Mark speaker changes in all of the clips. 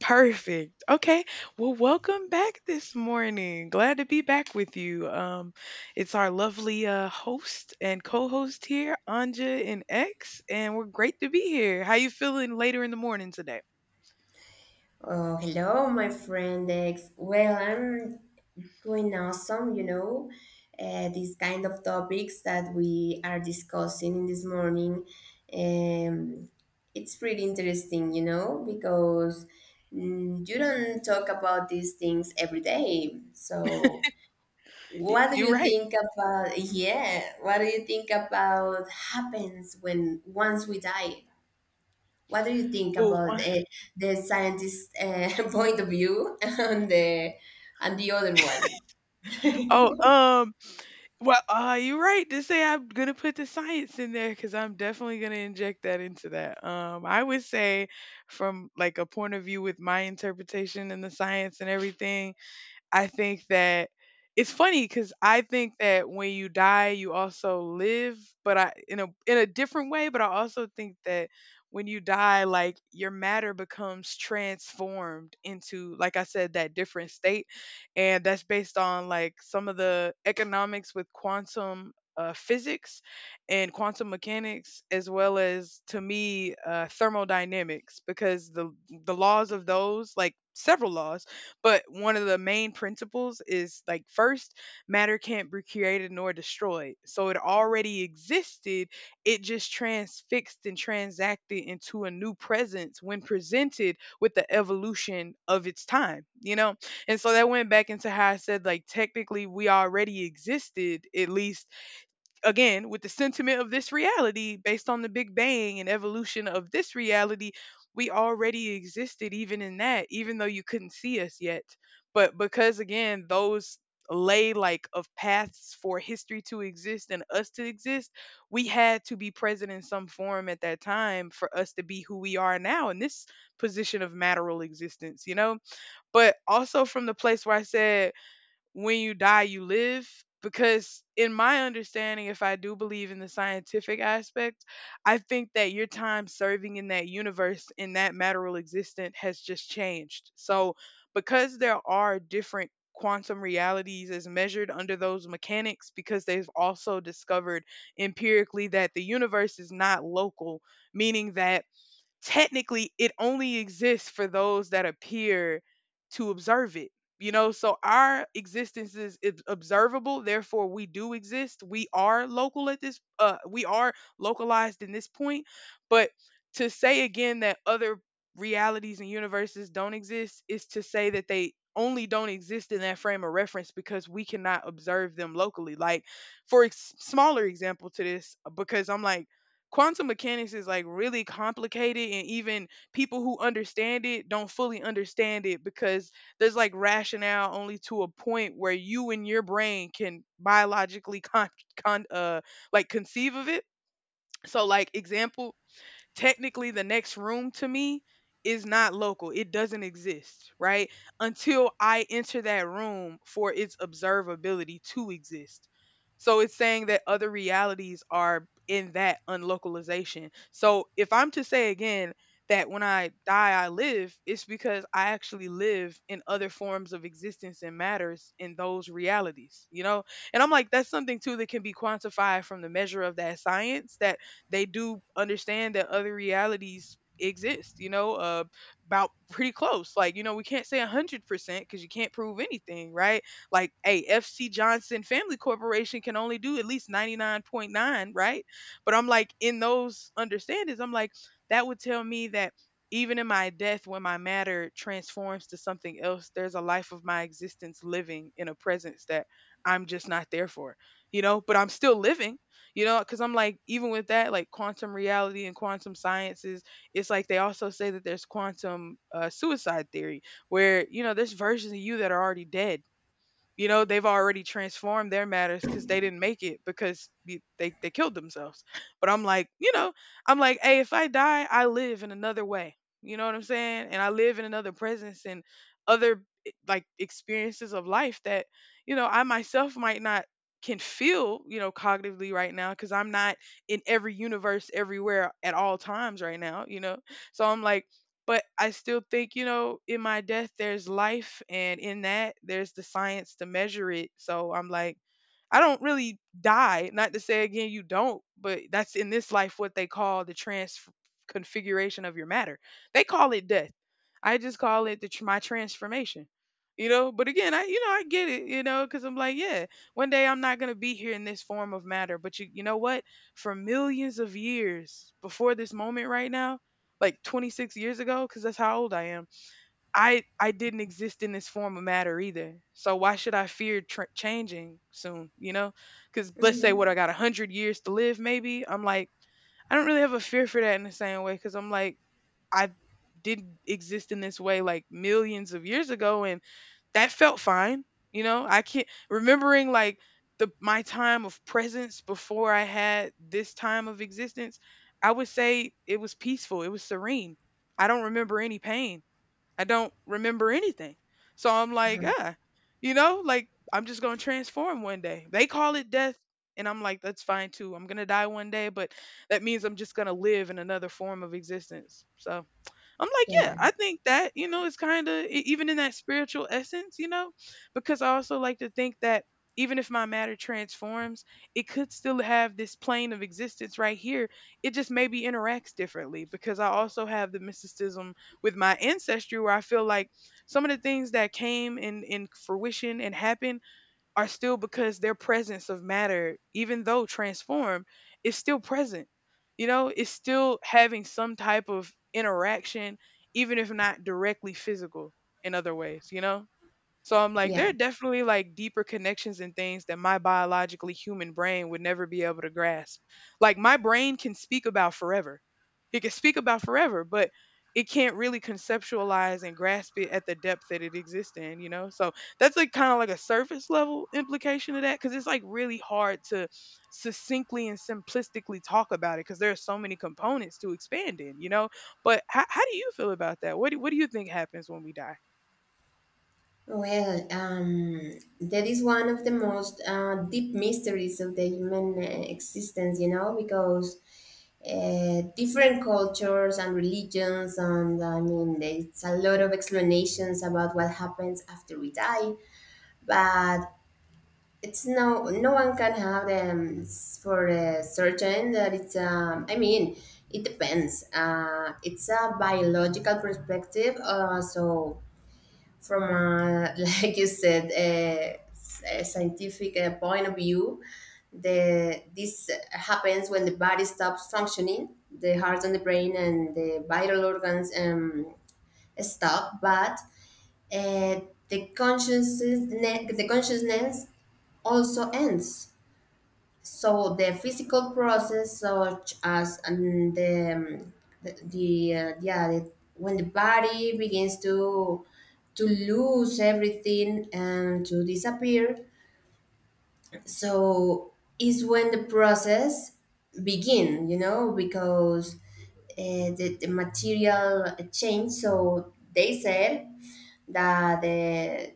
Speaker 1: Perfect. Okay. Well, welcome back this morning. Glad to be back with you. It's our lovely host and co-host here, Anja and X, and we're great to be here. How you feeling later in the morning today?
Speaker 2: Oh, hello, my friend X. Well, I'm doing awesome, you know. These kind of topics that we are discussing in this morning, um, it's pretty interesting, you know, because you don't talk about these things every day. So, what do
Speaker 1: You're
Speaker 2: you
Speaker 1: right.
Speaker 2: think about? Yeah, what do you think about happens when once we die? What do you think
Speaker 1: Oh,
Speaker 2: about the scientist point of view and the other one?
Speaker 1: oh, um, well, you're right to say I'm gonna put the science in there because I'm definitely gonna inject that into that. I would say, from like a point of view with my interpretation and the science and everything, I think that it's funny because I think that when you die, you also live, but I, in a different way. But I also think that when you die, like your matter becomes transformed into, like I said, that different state, and that's based on like some of the economics with quantum. Physics and quantum mechanics, as well as to me, thermodynamics, because the laws of those, like several laws, but one of the main principles is like, first, matter can't be created nor destroyed. So it already existed. It just transfixed and transacted into a new presence when presented with the evolution of its time, you know? And so that went back into how I said, like, technically, we already existed, at least again with the sentiment of this reality based on the big bang and evolution of this reality. We already existed even in that, even though you couldn't see us yet, but because again those lay like of paths for history to exist and us to exist, we had to be present in some form at that time for us to be who we are now in this position of matteral existence, you know? But also from the place where I said, when you die you live, because in my understanding, if I do believe in the scientific aspect, I think that your time serving in that universe, in that material existent, has just changed. So because there are different quantum realities as measured under those mechanics, because they've also discovered empirically that the universe is not local, meaning that technically it only exists for those that appear to observe it, you know? So our existence is observable, therefore we do exist. We are local at this, we are localized in this point. But to say again that other realities and universes don't exist is to say that they only don't exist in that frame of reference because we cannot observe them locally. Like, for smaller example to this, because I'm like, quantum mechanics is like really complicated, and even people who understand it don't fully understand it because there's like rationale only to a point where you and your brain can biologically, con, con like, conceive of it. So like, example, technically the next room to me is not local. It doesn't exist, right? Until I enter that room for its observability to exist. So it's saying that other realities are in that unlocalization. So if I'm to say again that when I die, I live, it's because I actually live in other forms of existence and matters in those realities, you know? And I'm like, that's something too that can be quantified from the measure of that science. That they do understand that other realities exist, you know, about pretty close. Like, you know, we can't say 100% because you can't prove anything, right? Like, hey, FC Johnson family corporation can only do at least 99.9, right? But I'm like, in those understandings, I'm like, that would tell me that even in my death, when my matter transforms to something else, there's a life of my existence living in a presence that I'm just not there for, you know? But I'm still living, you know, because I'm like, even with that, like quantum reality and quantum sciences, it's like they also say that there's quantum suicide theory, where, you know, there's versions of you that are already dead. You know, they've already transformed their matters because they didn't make it, because they killed themselves. But I'm like, you know, I'm like, hey, if I die, I live in another way, you know what I'm saying? And I live in another presence and other, like, experiences of life that, you know, I myself might not can feel, you know, cognitively right now, because I'm not in every universe everywhere at all times right now, you know? So I'm like, but I still think, you know, in my death, there's life. And in that, there's the science to measure it. So I'm like, I don't really die. Not to say again you don't, but that's in this life what they call the trans configuration of your matter. They call it death. I just call it the my transformation. You know, but again, I, you know, I get it. You know, because I'm like, yeah, one day I'm not gonna be here in this form of matter. But you know what? For millions of years before this moment right now, like 26 years ago, because that's how old I am, I didn't exist in this form of matter either. So why should I fear changing soon? You know, because let's say what, I
Speaker 2: Hmm.
Speaker 1: got 100 years to live, maybe. I'm like, I don't really have a fear for that in the same way, because I'm like, I didn't exist in this way like millions of years ago, and that felt fine. You know, I can't remembering like the my time of presence before I had this time of existence. I would say it was peaceful. It was serene. I don't remember any pain. I don't remember anything. So I'm like, ah, you know, like, I'm just gonna transform one day. They call it death, and I'm like, that's fine too. I'm gonna die one day, but that means I'm just gonna live in another form of existence. So I'm like, yeah,
Speaker 2: Yeah,
Speaker 1: I think that, you know, it's kind of even in that spiritual essence, you know, because I also like to think that even if my matter transforms, it could still have this plane of existence right here. It just maybe interacts differently because I also have the mysticism with my ancestry, where I feel like some of the things that came in fruition and happened are still, because their presence of matter, even though transformed, is still present. You know, it's still having some type of interaction, even if not directly physical, in other ways, you know? So I'm like, there
Speaker 2: yeah.
Speaker 1: are definitely like deeper connections and things that my biologically human brain would never be able to grasp. Like, my brain can speak about forever. It can speak about forever, but it can't really conceptualize and grasp it at the depth that it exists in, you know? So that's like kind of like a surface level implication of that, because it's like really hard to succinctly and simplistically talk about it because there are so many components to expand in, you know? But how do you feel about that? What do you think happens when we die?
Speaker 2: Well, that is one of the most deep mysteries of the human existence, you know, because different cultures and religions, and I mean, there's a lot of explanations about what happens after we die. But it's no one can have them s- for a certain that it's, it depends, it's a biological perspective, so from a, like you said a scientific point of view, the this happens when the body stops functioning, the heart and the brain and the vital organs stop. But uh, the consciousness also ends. So the physical process, such as and the yeah, the, when the body begins to lose everything and to disappear, so is when the process begin, you know, because the material change. So they said that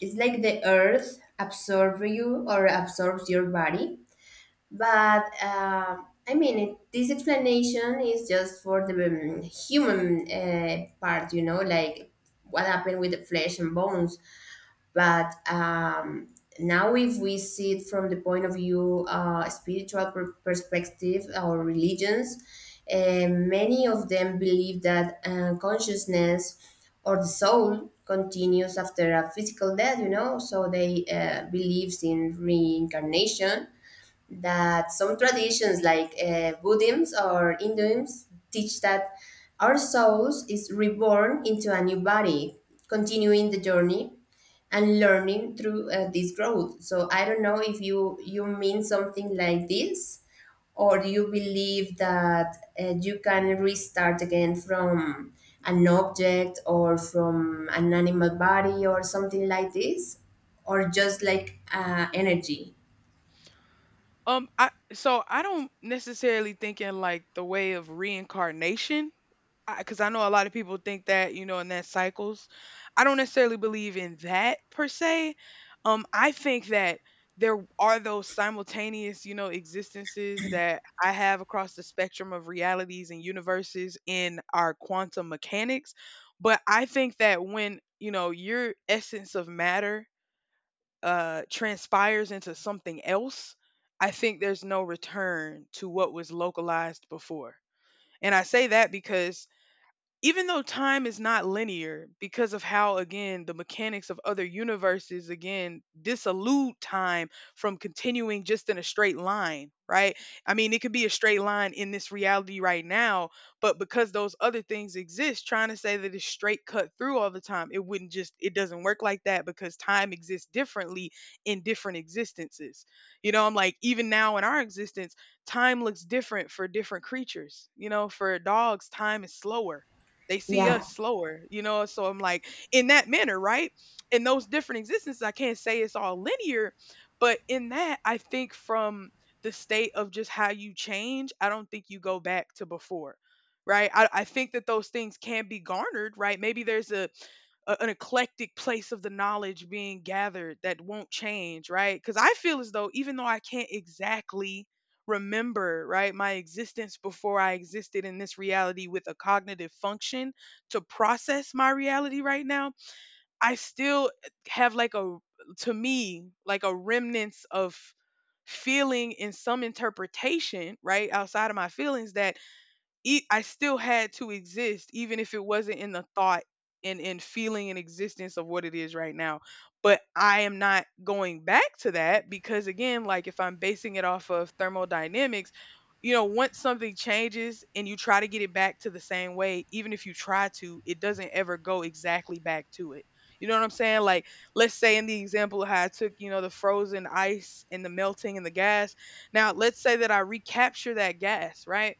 Speaker 2: it's like the earth absorbs you or absorbs your body. But I mean, this explanation is just for the human part, you know, like what happened with the flesh and bones. But now, if we see it from the point of view, spiritual per- perspective, or religions, many of them believe that consciousness or the soul continues after a physical death, you know, so they believes in reincarnation, that some traditions like Buddhism or Hinduism teach that our souls is reborn into a new body, continuing the journey and learning through this growth. So I don't know if you mean something like this, or do you believe that you can restart again from an object or from an animal body or something like this, or just like energy?
Speaker 1: I, so I don't necessarily think in like the way of reincarnation, because 'cause I know a lot of people think that, you know, and that cycles. I don't necessarily believe in that per se. I think that there are those simultaneous, you know, existences that I have across the spectrum of realities and universes in our quantum mechanics. But I think that when, you know, your essence of matter transpires into something else, I think there's no return to what was localized before. And I say that because even though time is not linear, because of how again the mechanics of other universes again disallude time from continuing just in a straight line, right? I mean, it could be a straight line in this reality right now, but because those other things exist, trying to say that it's straight cut through all the time, it wouldn't, just, it doesn't work like that, because time exists differently in different existences. You know, I'm like, even now in our existence, time looks different for different creatures. You know, for dogs time is slower, they see us
Speaker 2: Yeah.
Speaker 1: slower, you know? So I'm like, in that manner, right? In those different existences, I can't say it's all linear, but in that, I think from the state of just how you change, I don't think you go back to before, right? I think that those things can be garnered, right? Maybe there's a an eclectic place of the knowledge being gathered that won't change, right? Because I feel as though even though I can't exactly remember, right, my existence before I existed in this reality with a cognitive function to process my reality right now, I still have like a, to me, like a remnants of feeling in some interpretation, right, outside of my feelings that I still had to exist, even if it wasn't in the thought and in feeling and existence of what it is right now. But I am not going back to that because again, like if I'm basing it off of thermodynamics, once something changes and you try to get it back to the same way, even if you try to, it doesn't ever go exactly back to it. You know what I'm saying? Like, let's say in the example of how I took, the frozen ice and the melting and the gas. Now, let's say that I recapture that gas, right?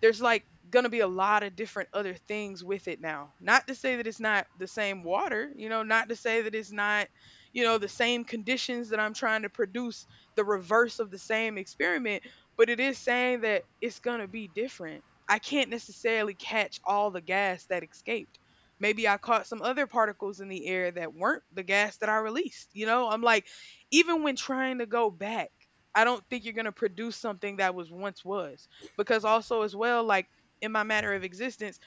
Speaker 1: There's like going to be a lot of different other things with it now. Not to say that it's not the same water, not to say that it's not, the same conditions that I'm trying to produce the reverse of the same experiment, but it is saying that it's going to be different. I can't necessarily catch all the gas that escaped. Maybe I caught some other particles in the air that weren't the gas that I released. You know, I'm like, even when trying to go back, I don't think you're going to produce something that was once was because also as well like in my matter of existence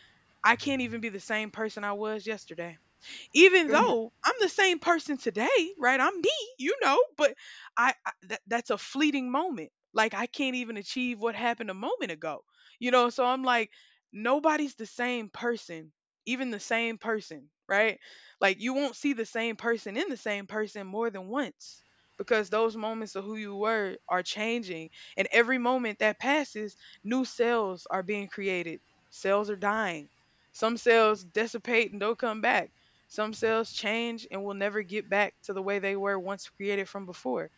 Speaker 1: I can't even be the same person I was yesterday even
Speaker 2: Mhm.
Speaker 1: though I'm the same person today, right? I'm me, you know, but I that's a fleeting moment. Like I can't even achieve what happened a moment ago. You know, so I'm like nobody's the same person, even the same person, right? Like you won't see the same person in the same person more than once because those moments of who you were are changing and every moment that passes new cells are being created, cells are dying, some cells dissipate and don't come back, some cells change and will never get back to the way they were once created from before.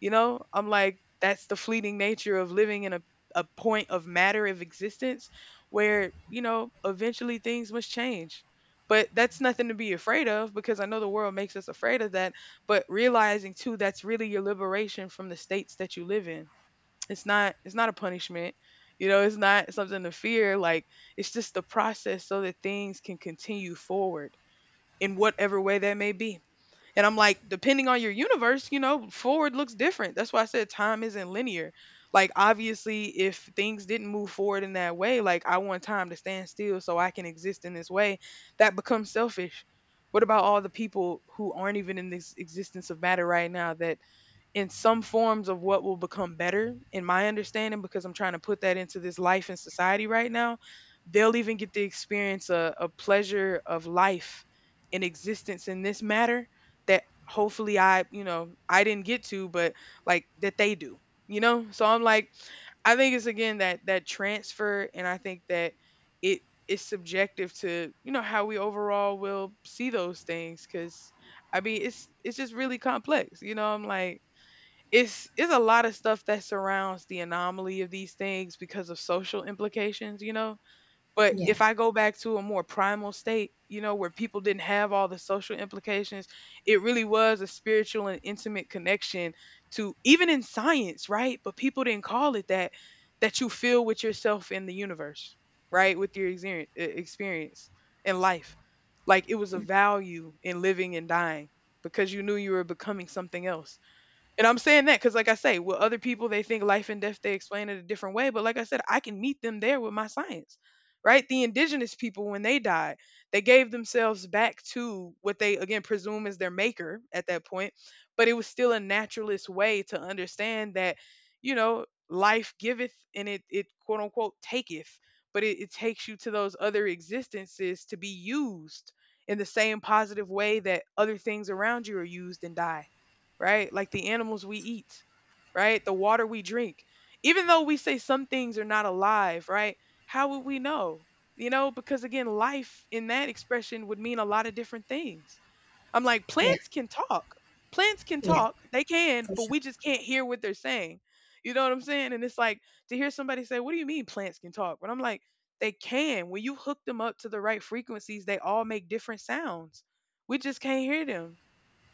Speaker 1: You know, I'm like, that's the fleeting nature of living in a point of matter of existence where, you know, eventually things must change. But that's nothing to be afraid of because I know the world makes us afraid of that. But realizing too, that's really your liberation from the states that you live in. It's not, it's not a punishment. You know, it's not something to fear. Like it's just the process so that things can continue forward in whatever way that may be. And I'm like, depending on your universe, you know, forward looks different. That's why I said time isn't linear. Like, obviously, if things didn't move forward in that way, like, I want time to stand still so I can exist in this way, that becomes selfish. What about all the people who aren't even in this existence of matter right now that in some forms of what will become better in my understanding because I'm trying to put that into this life and society right now, they'll even get to experience a pleasure of life in existence in this matter that hopefully I, I didn't get to, but like that they do. You know, so I'm like I think it's again that transfer, and I think that it is subjective to, you know, how we overall will see those things because I mean it's just really complex. You know, I'm like it's a lot of stuff that surrounds the anomaly of these things because of social implications, you know. But
Speaker 2: Yeah.
Speaker 1: if I go back to a more primal state, you know, where people didn't have all the social implications, it really was a spiritual and intimate connection to even in science, right? But people didn't call it that, that you feel with yourself in the universe, right? With your experience in life. Like it was a value in living and dying because you knew you were becoming something else, and I'm saying that because, like I say, with other people, they think life and death, they explain it a different way. But like I said, I can meet them there with my science, right? The indigenous people, when they died, they gave themselves back to what they, again, presume is their maker at that point. But it was still a naturalist way to understand that, you know, life giveth, and it quote unquote taketh. But it takes you to those other existences to be used in the same positive way that other things around you are used and die, right? Like the animals we eat, right? The water we drink. Even though we say some things are not alive, right? How would we know? You know, because again, life in that expression would mean a lot of different things. I'm like,
Speaker 2: Yeah,
Speaker 1: plants can talk. Plants can
Speaker 2: yeah,
Speaker 1: talk. They can,
Speaker 2: for
Speaker 1: but
Speaker 2: sure.
Speaker 1: we just can't hear what they're saying. You know what I'm saying? And it's like to hear somebody say, "What do you mean plants can talk?" But I'm like, they can. When you hook them up to the right frequencies, they all make different sounds. We just can't hear them.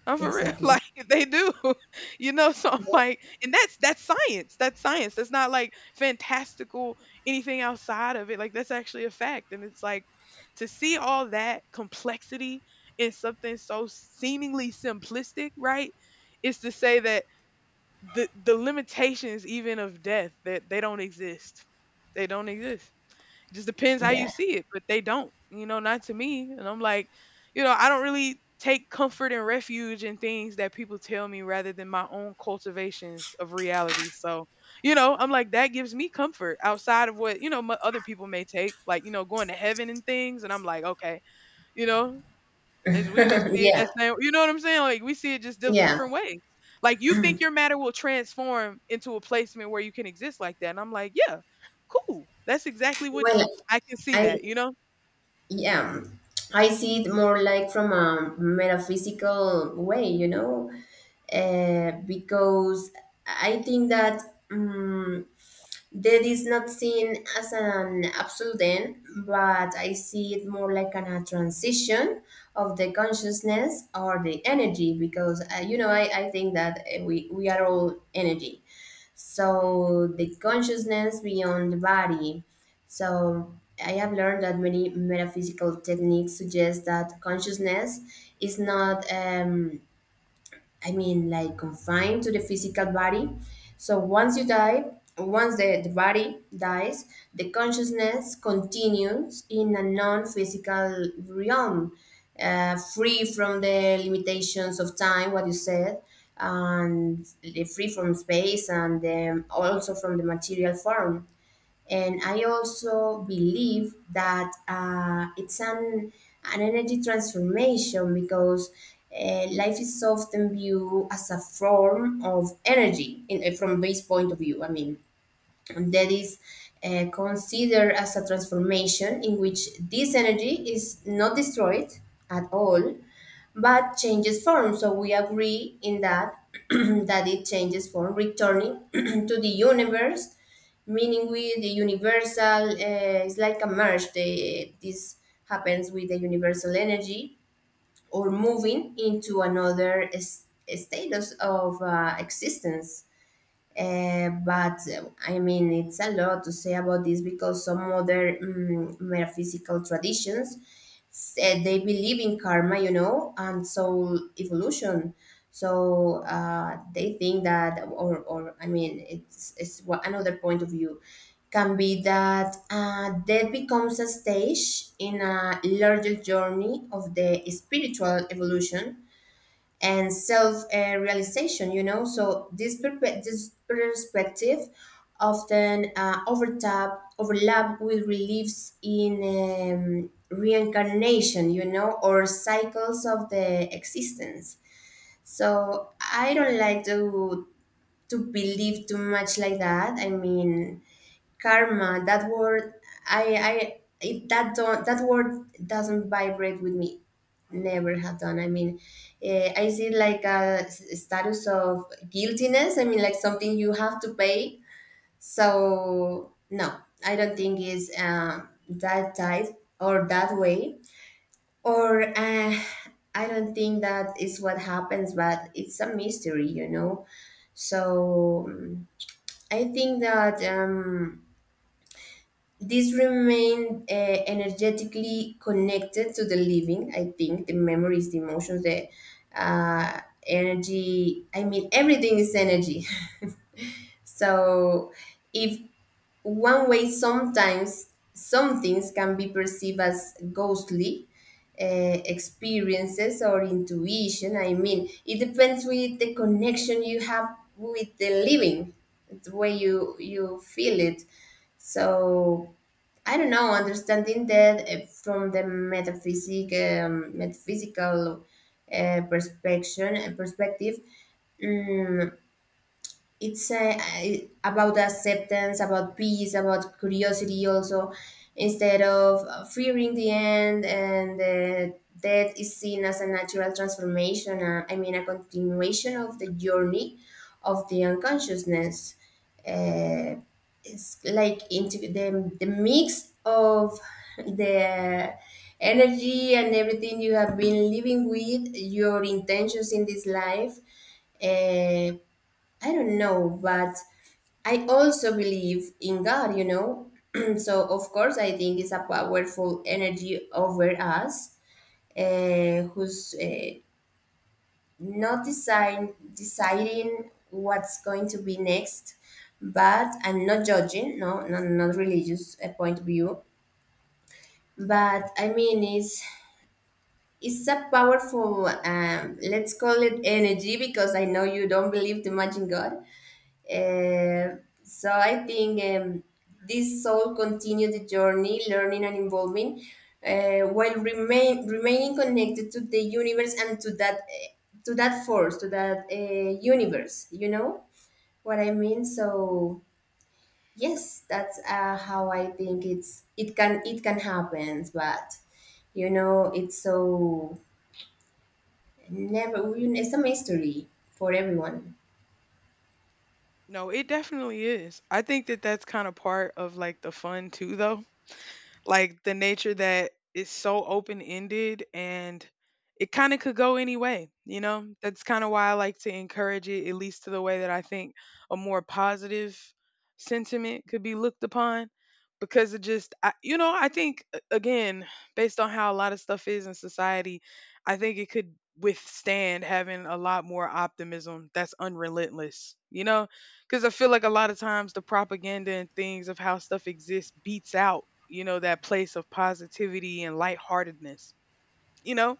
Speaker 1: I'm for real.
Speaker 2: Exactly.
Speaker 1: Like they do. You know, so I'm
Speaker 2: Well,
Speaker 1: like, and that's science. That's science. That's not like fantastical anything outside of it. Like that's actually a fact. And it's like to see all that complexity in something so seemingly simplistic, right? Is to say that the limitations even of death, that they don't exist. They don't exist. It just depends how you
Speaker 2: yeah,
Speaker 1: see it, but they don't, you know, not to me. And I'm like, you know, I don't really take comfort and refuge in things that people tell me rather than my own cultivations of reality. So, you know, I'm like, that gives me comfort outside of what, you know, my other people may take, like, you know, going to heaven and things. And I'm like, okay, you know, is we just see it
Speaker 2: yeah,
Speaker 1: the same, you know what I'm saying? Like, we see it just those
Speaker 2: yeah.
Speaker 1: different ways. Like, you think your matter will transform into a placement where you can exist like that, and I'm like, "Yeah, cool. That's exactly what
Speaker 2: Well,
Speaker 1: I can see
Speaker 2: I
Speaker 1: that," you know?
Speaker 2: yeah, I see it more like from a metaphysical way, you know, because I think that. Um, Death is not seen as an absolute end, but I see it more like an, a transition of the consciousness or the energy because, you know, I think that we are all energy.
Speaker 1: Mhm.
Speaker 2: So the consciousness beyond the body. So I have learned that many metaphysical techniques suggest that consciousness is not. I mean, like confined to the physical body. So once you die, once the body dies, the consciousness continues in a non physical realm, free from the limitations of time, what you said, and free from space and also from the material form. And I also believe that it's an energy transformation because life is often viewed as a form of energy in, from base point of view, I mean that is considered as a transformation in which this energy is not destroyed at all but changes form. So we agree in that that it changes form, returning to the universe, meaning with the universal, it's like a merge, this happens with the universal energy, or moving into another s- status of existence. But I mean, it's a lot to say about this because some other metaphysical traditions said they believe in karma, you know, and soul evolution. So they think that, or I mean, it's wha- another point of view can be that death becomes a stage in a larger journey of the spiritual evolution and self realization, you know. So, this, perpe- this perspective often overtap, overlap with beliefs in reincarnation, you know, or cycles of the existence. So, I don't like to believe too much like that. I mean, karma, that word, i that don't that word doesn't vibrate with me, never have done, I mean, I see like a s- status of guiltiness, I mean like something you have to pay. So no, I don't think it's that tight, or that way, or I don't think that is what happens, but it's a mystery, you know. So I think that, this remain energetically connected to the living, I think, the memories, the emotions, the uh, energy. I mean, everything is energy. So if one way sometimes some things can be perceived as ghostly uh, experiences or intuition. I mean, it depends with the connection you have with the living, the way you feel it. So I don't know, understanding that from the metaphysic, metaphysical perspective, mm, it's about acceptance, about peace, about curiosity also, instead of fearing the end. And death is seen as a natural transformation, I mean a continuation of the journey of the unconsciousness, uh, it's like into the mix of the energy and everything you have been living with your intentions in this life. uh, I don't know, but I also believe in God, you know. So of course, I think it's a powerful energy over us, who's not design deciding what's going to be next, but I'm not judging. No, no, not religious point of view, but I mean it's. It's a powerful, let's call it energy, because I know you don't believe too much in God. Uh, so I think this soul continued the journey, learning and evolving, while remaining connected to the universe and to that force, to that universe. You know what I mean? So yes, that's how I think it can happen, but you know it's so never, it's a mystery for everyone.
Speaker 1: No, it definitely is. I think that that's kinda part of, like, the fun too, though. Like the nature that is so open ended and it kind of could go any way, you know? That's kind of why I like to encourage it, at least to the way that I think a more positive sentiment could be looked upon because it just, I, you know, I think, again, based on how a lot of stuff is in society, I think it could withstand having a lot more optimism that's unrelentless, you know? Because I feel like a lot of times the propaganda and things of how stuff exists beats out, you know, that place of positivity and lightheartedness. You know,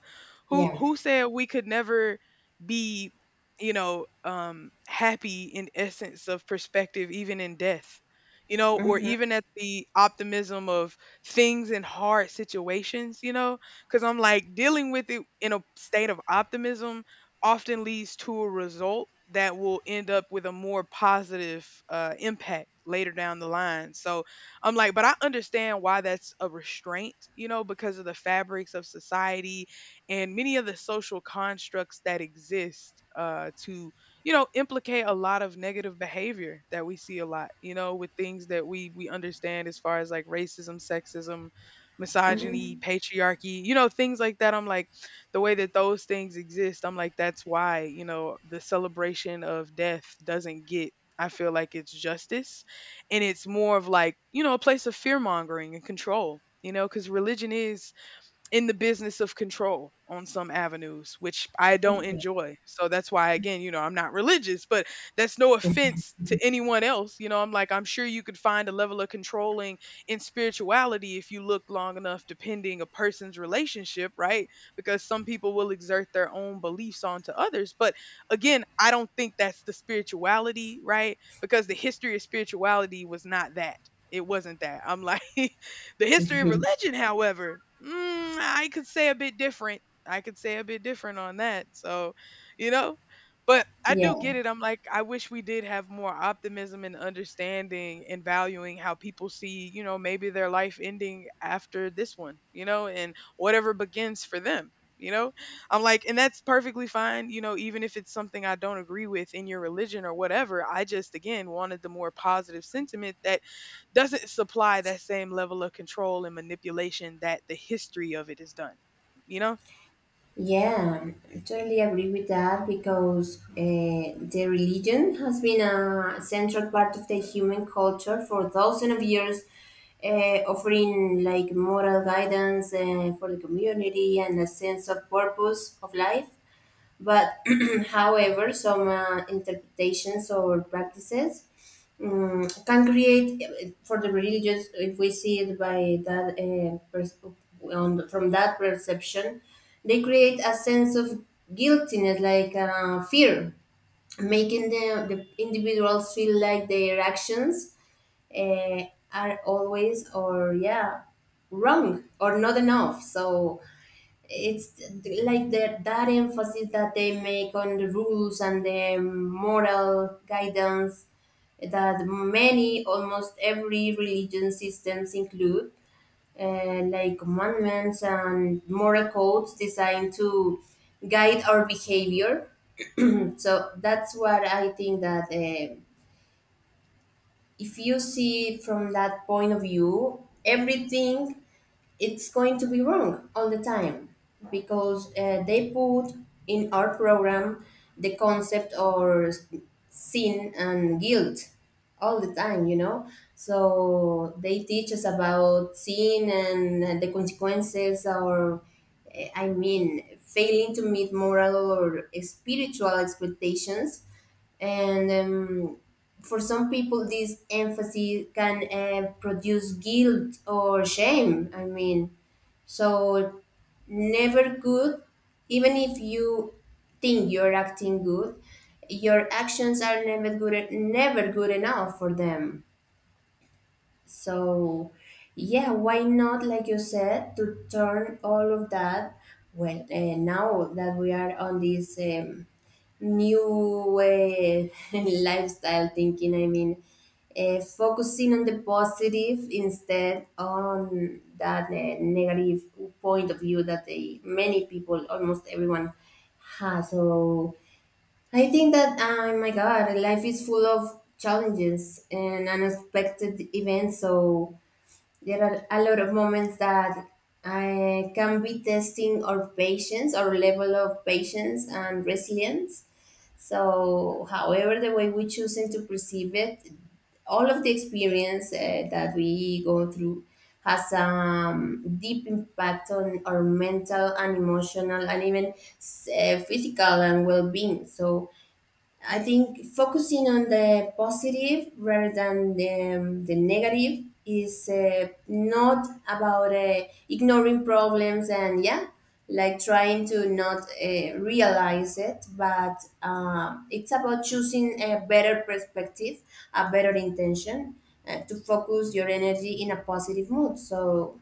Speaker 2: Yeah.
Speaker 1: who said we could never be, you know, happy in essence of perspective even in death, you know, or even at the optimism of things in hard situations, you know, cuz I'm like dealing with it in a state of optimism often leads to a result that will end up with a more positive impact later down the line. So I'm like, but I understand why that's a restraint, you know, because of the fabrics of society and many of the social constructs that exist to, you know, implicate a lot of negative behavior that we see a lot, you know, with things that we understand as far as like racism, sexism, misogyny,
Speaker 2: Mm-hmm.
Speaker 1: patriarchy, you know, things like that. I'm like, the way that those things exist, I'm like, that's why, you know, the celebration of death doesn't get. I feel like it's justice, and it's more of like, you know, a place of fear mongering and control, you know, because religion is in the business of control on some avenues, which I don't enjoy. So that's why, again, you know, I'm not religious, but that's no offense to anyone else. You know, I'm like, I'm sure you could find a level of controlling in spirituality if you looked long enough, depending a person's relationship, right? Because some people will exert their own beliefs onto others. But again, I don't think that's the spirituality, right? Because the history of spirituality was not that. It wasn't that. I'm like, the history of
Speaker 2: Mm-hmm.
Speaker 1: religion, however, mm, I could say a bit different. I could say a bit different on that. So, you know, but I do
Speaker 2: Yeah.
Speaker 1: get it. I'm like, I wish we did have more optimism and understanding and valuing how people see, you know, maybe their life ending after this one, you know, and whatever begins for them, you know? I'm like, and that's perfectly fine, you know, even if it's something I don't agree with in your religion or whatever. I just, again, wanted the more positive sentiment that doesn't supply that same level of control and manipulation that the history of it is done, you know?
Speaker 2: Yeah, I totally agree with that because the religion has been a central part of the human culture for thousands of years, offering like moral guidance for the community and a sense of purpose of life. But, however, some interpretations or practices can create for the religious, if we see it by that pers- on the- from that perception, they create a sense of guiltiness, like fear, making the individuals feel like their actions uh, are always or yeah wrong or not enough. So it's like that that emphasis that they make on the rules and the moral guidance that many almost every religion systems include, like commandments and moral codes designed to guide our behavior. So that's what I think that if you see from that point of view, everything it's going to be wrong all the time, because they put in our program the concept or sin and guilt all the time, you know. So they teach us about sin and the consequences or I mean failing to meet moral or spiritual expectations. And for some people this emphasis can produce guilt or shame, I mean. So never good, even if you think you're acting good, your actions are never good, never good enough for them. So, yeah, why not, like you said, to turn all of that? Well, now that we are on this new lifestyle thinking, I mean, focusing on the positive instead on that negative point of view that they, many people, almost everyone, has. So, I think that, oh my God, life is full of challenges and unexpected events. So there are a lot of moments that I can be testing our patience, our level of patience and resilience. So, however, the way we choose to perceive it, all of the experience that we go through has a deep impact on our mental and emotional and even physical and well-being. So I think focusing on the positive rather than the negative is not about ignoring problems and yeah, like trying to not realize it, but it's about choosing a better perspective, a better intention to focus your energy in a positive mood. So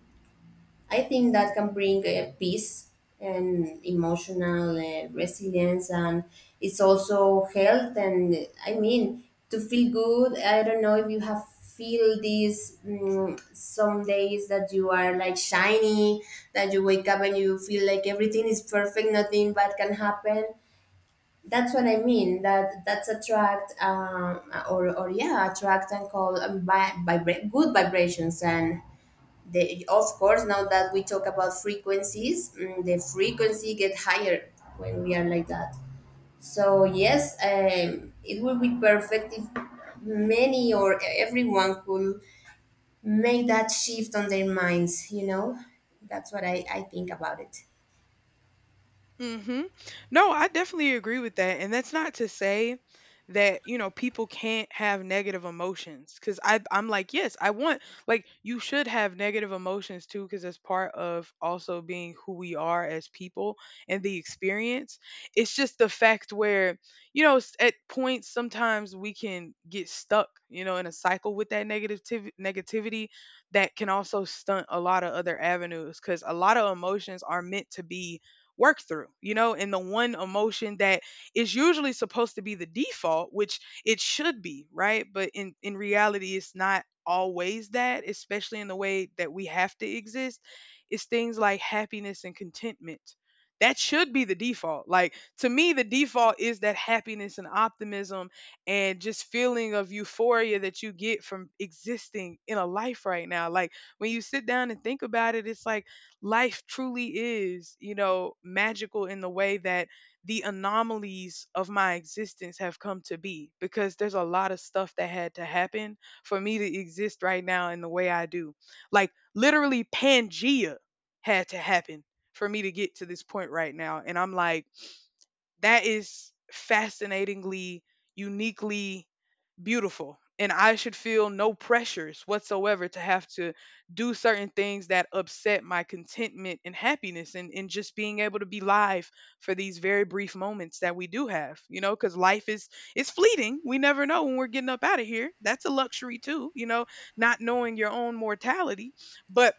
Speaker 2: I think that can bring peace and emotional resilience, and it's also health. And I mean, to feel good. I don't know if you have feel these some days that you are like shiny, that you wake up and you feel like everything is perfect, nothing bad can happen. That's what I mean. That that's attract or yeah, attract and call good vibrations. And of course, now that we talk about frequencies, the frequency get higher when we are like that. So yes, it will be perfect if many or everyone could make that shift on their minds. That's what I think about it.
Speaker 1: Hmm. No, I definitely agree with that. And that's not to say that, you know, people can't have negative emotions. Cause I'm like, yes, I want like you should have negative emotions too, because that's part of also being who we are as people and the experience. It's just the fact where, you know, at points sometimes we can get stuck, you know, in a cycle with that negativity that can also stunt a lot of other avenues because a lot of emotions are meant to be work through, you know, and the one emotion that is usually supposed to be the default, which it should be, right? But in reality, it's not always that, especially in the way that we have to exist, is things like happiness and contentment. That should be the default. Like to me, the default is that happiness and optimism and just feeling of euphoria that you get from existing in a life right now. Like when you sit down and think about it, it's like life truly is, you know, magical in the way that the anomalies of my existence have come to be because there's a lot of stuff that had to happen for me to exist right now in the way I do. Like literally Pangea had to happen for me to get to this point right now, and I'm like that is fascinatingly uniquely beautiful and I should feel no pressures whatsoever to have to do certain things that upset my contentment and happiness and just being able to be live for these very brief moments that we do have, you know, because life is fleeting. We never know when we're getting up out of here. That's a luxury too, you know, not knowing your own mortality. But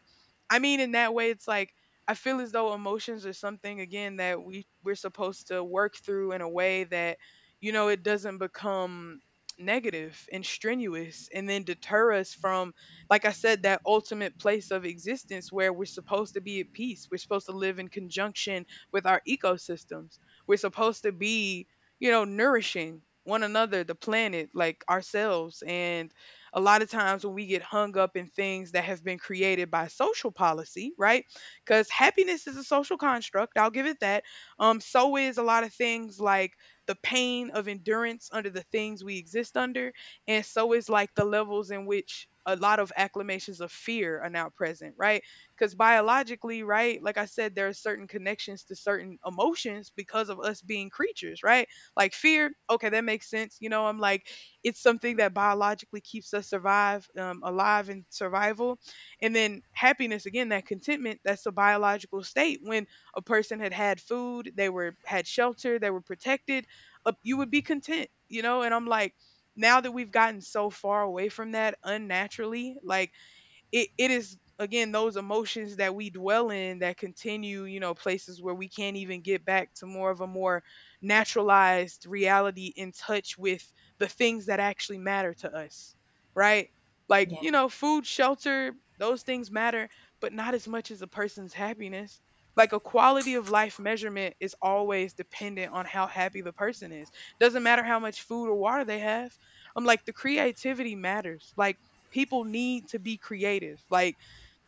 Speaker 1: I mean, in that way, it's like I feel as though emotions are something again that we're supposed to work through in a way that, you know, it doesn't become negative and strenuous and then deter us from, like I said, that ultimate place of existence where we're supposed to be at peace, we're supposed to live in conjunction with our ecosystems, we're supposed to be, you know, nourishing one another, the planet, like ourselves, and a lot of times when we get hung up in things that have been created by social policy, right? Because happiness is a social construct, I'll give it that. So is a lot of things like the pain of endurance under the things we exist under, and so is like the levels in which a lot of acclamations of fear are now present, right? Because biologically, right, like I said, there are certain connections to certain emotions because of us being creatures, right? Like fear, okay, that makes sense. You know, I'm like, it's something that biologically keeps us survive alive in survival, and then happiness again, that contentment, that's a biological state when a person had had food, they were had shelter, they were protected, you would be content, you know, and I'm like now that we've gotten so far away from that unnaturally, like it is again those emotions that we dwell in that continue, you know, places where we can't even get back to more of a more naturalized reality in touch with the things that actually matter to us, right? Like,
Speaker 2: Yeah.
Speaker 1: you know, food, shelter, those things matter, but not as much as a person's happiness. Like a quality of life measurement is always dependent on how happy the person is, doesn't matter how much food or water they have. I'm like the creativity matters. Like people need to be creative. Like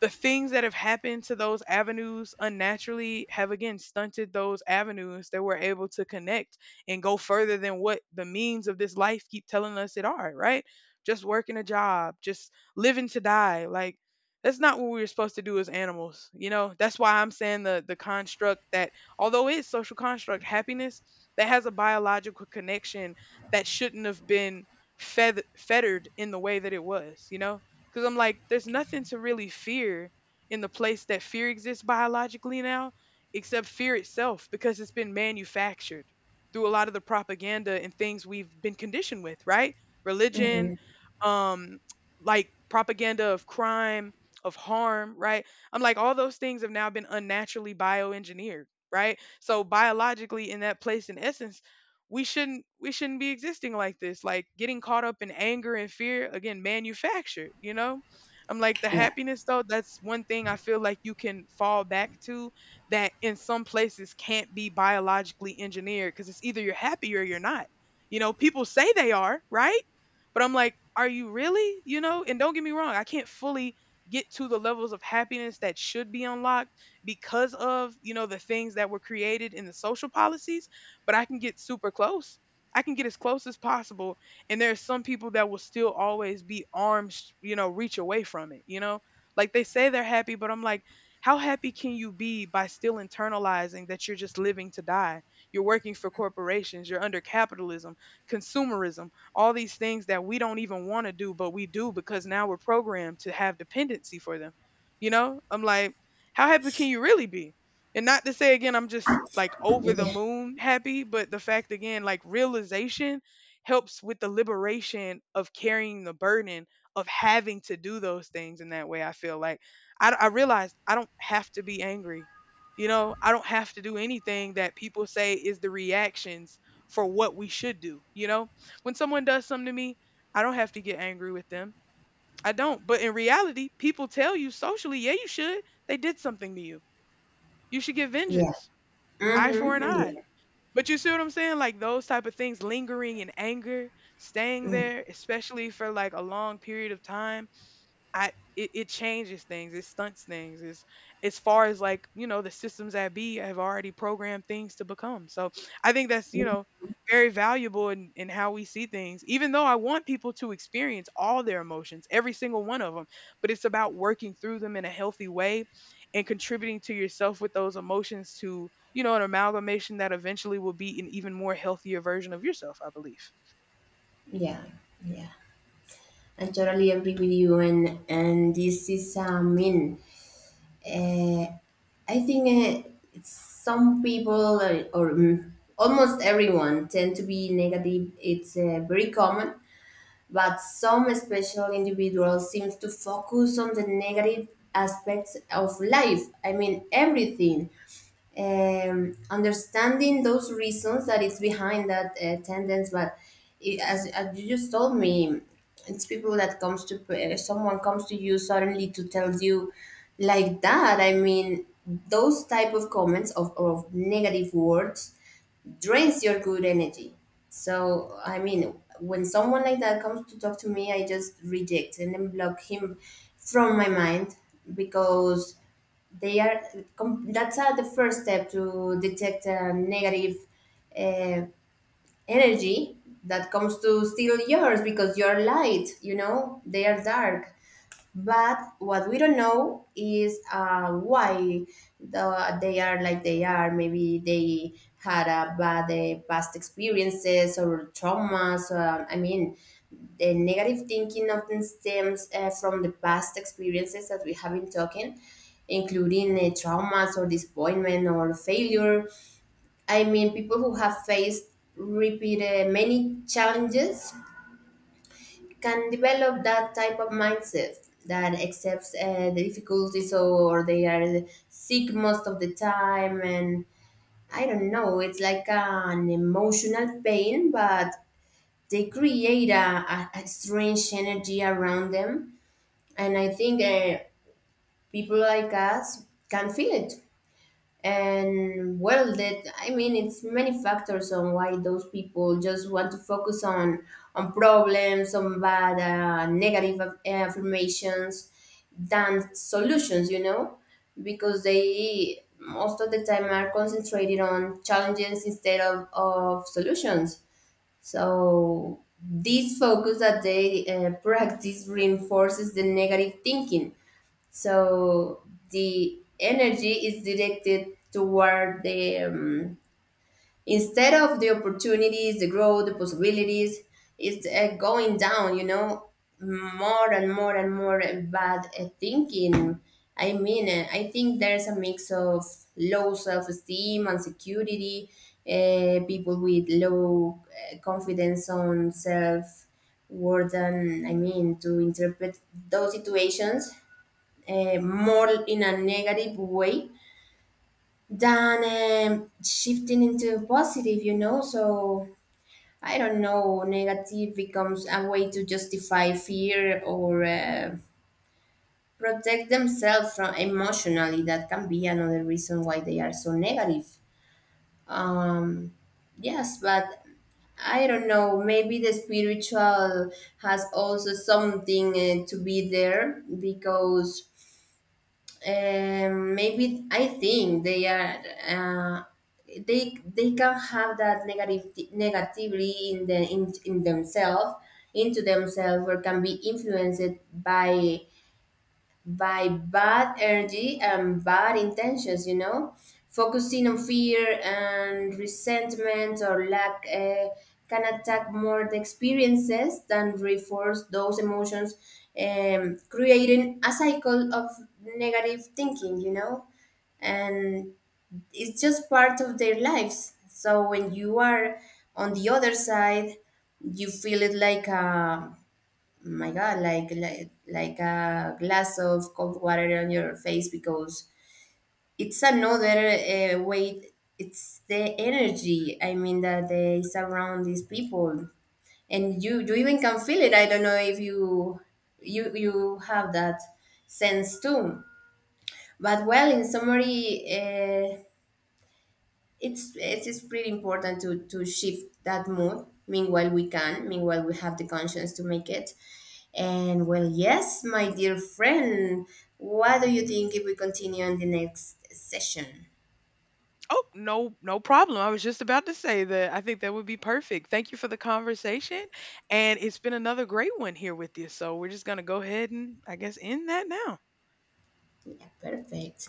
Speaker 1: the things that have happened to those avenues unnaturally have again stunted those avenues that were able to connect and go further than what the means of this life keep telling us it are, right? Just working a job, just living to die. Like that's not what we were supposed to do as animals. You know, that's why I'm saying the construct that although it's social construct happiness that has a biological connection that shouldn't have been fettered in the way that it was, you know? Because I'm like, there's nothing to really fear in the place that fear exists biologically now, except fear itself, because it's been manufactured through a lot of the propaganda and things we've been conditioned with, right? Religion,
Speaker 2: Hmm.
Speaker 1: um, like propaganda of crime, of harm, right? I'm like, all those things have now been unnaturally bioengineered, right? So biologically in that place in essence we shouldn't be existing like this, like getting caught up in anger and fear, again manufactured, you know. I'm like the
Speaker 2: Yeah,
Speaker 1: happiness, though, that's one thing I feel like you can fall back to, that in some places can't be biologically engineered because it's either you're happy or you're not. You know, people say they are, right, but I'm like, are you really, you know? And don't get me wrong, I can't fully get to the levels of happiness that should be unlocked because of, you know, the things that were created in the social policies, but I can get super close. I can get as close as possible. And there are some people that will still always be arms, you know, reach away from it, you know? Like they say they're happy, but I'm like, how happy can you be by still internalizing that you're just living to die? You're working for corporations, you're under capitalism, consumerism, all these things that we don't even want to do, but we do because now we're programmed to have dependency for them. You know? I'm like, how happy can you really be? And not to say again, I'm just like over the
Speaker 2: yeah,
Speaker 1: moon happy, but the fact again, like realization helps with the liberation of carrying the burden of having to do those things in that way. I feel like I realized I don't have to be angry. You know, I don't have to do anything that people say is the reactions for what we should do. You know, when someone does something to me, I don't have to get angry with them. I don't. But in reality, people tell you socially, yeah, you should. They did something to you. You should get
Speaker 2: yeah,
Speaker 1: vengeance, eye for an
Speaker 2: mm-hmm,
Speaker 1: eye.
Speaker 2: yeah,
Speaker 1: But you see what I'm saying? Like those type of things, lingering in anger, staying
Speaker 2: mm,
Speaker 1: there, especially for like a long period of time, it changes things, it stunts things. It's as far as like, you know, the systems that be have already programmed things to become. So I think that's, you know, very valuable in how we see things, even though I want people to experience all their emotions, every single one of them. But it's about working through them in a healthy way and contributing to yourself with those emotions to, you know, an amalgamation that eventually will be an even more healthier version of yourself, I believe.
Speaker 2: yeah, yeah. I totally agree with you, and this is I mean, I think it's some people or almost everyone tend to be negative. It's very common, but some special individuals seems to focus on the negative aspects of life. I mean everything, understanding those reasons that is behind that tendency. But it, as you just told me, it's people that comes to someone comes to you suddenly to tell you like that. I mean, those type of comments of negative words drains your good energy. So I mean, when someone like that comes to talk to me, I just reject and then block him from my mind because they are. That's the first step to detect a negative uh, energy that comes to steal yours because you're light. You know, they are dark. But what we don't know is why they are like they are. Maybe they had a bad past experiences or traumas. I mean, the negative thinking often stems from the past experiences that we have been talking, including traumas or disappointment or failure. I mean, people who have faced repeated many challenges can develop that type of mindset that accepts the difficulties, or they are sick most of the time. And I don't know, it's like an emotional pain, but they create a strange energy around them. And I think, people like us can feel it. And well, that, I mean, it's many factors on why those people just want to focus on problems, on bad, negative affirmations than solutions, you know, because they most of the time are concentrated on challenges instead of solutions. So this focus that they practice reinforces the negative thinking. So the energy is directed toward the instead of the opportunities, the growth, the possibilities, it's going down. You know, more and more and more bad thinking. I mean, I think there's a mix of low self-esteem, insecurity, people with low confidence on self worth, and I mean to interpret those situations more in a negative way than shifting into positive, you know? So I don't know, negative becomes a way to justify fear or protect themselves from emotionally. That can be another reason why they are so negative. Um, yes, but I don't know. Maybe the spiritual has also something to be there because maybe I think they are uh, they can have that negative negativity in in themselves, into themselves, or can be influenced by bad energy and bad intentions, you know? Focusing on fear and resentment or lack can attack more the experiences than reinforce those emotions, creating a cycle of negative thinking, you know? And it's just part of their lives. So when you are on the other side, you feel it like a, oh my god, like a glass of cold water on your face, because it's another way. It's the energy, I mean, that they surround these people. And you even can feel it. I don't know if you have that sense too. But well, in summary, it's just pretty important to shift that mood meanwhile we can, meanwhile we have the conscience to make it. And well, yes, my dear friend, what do you think if we continue on the next session?
Speaker 1: Oh, no, no problem. I was just about to say that I think that would be perfect. Thank you for the conversation. And it's been another great one here with you. So we're just going to go ahead and I guess end that now.
Speaker 2: Yeah, perfect.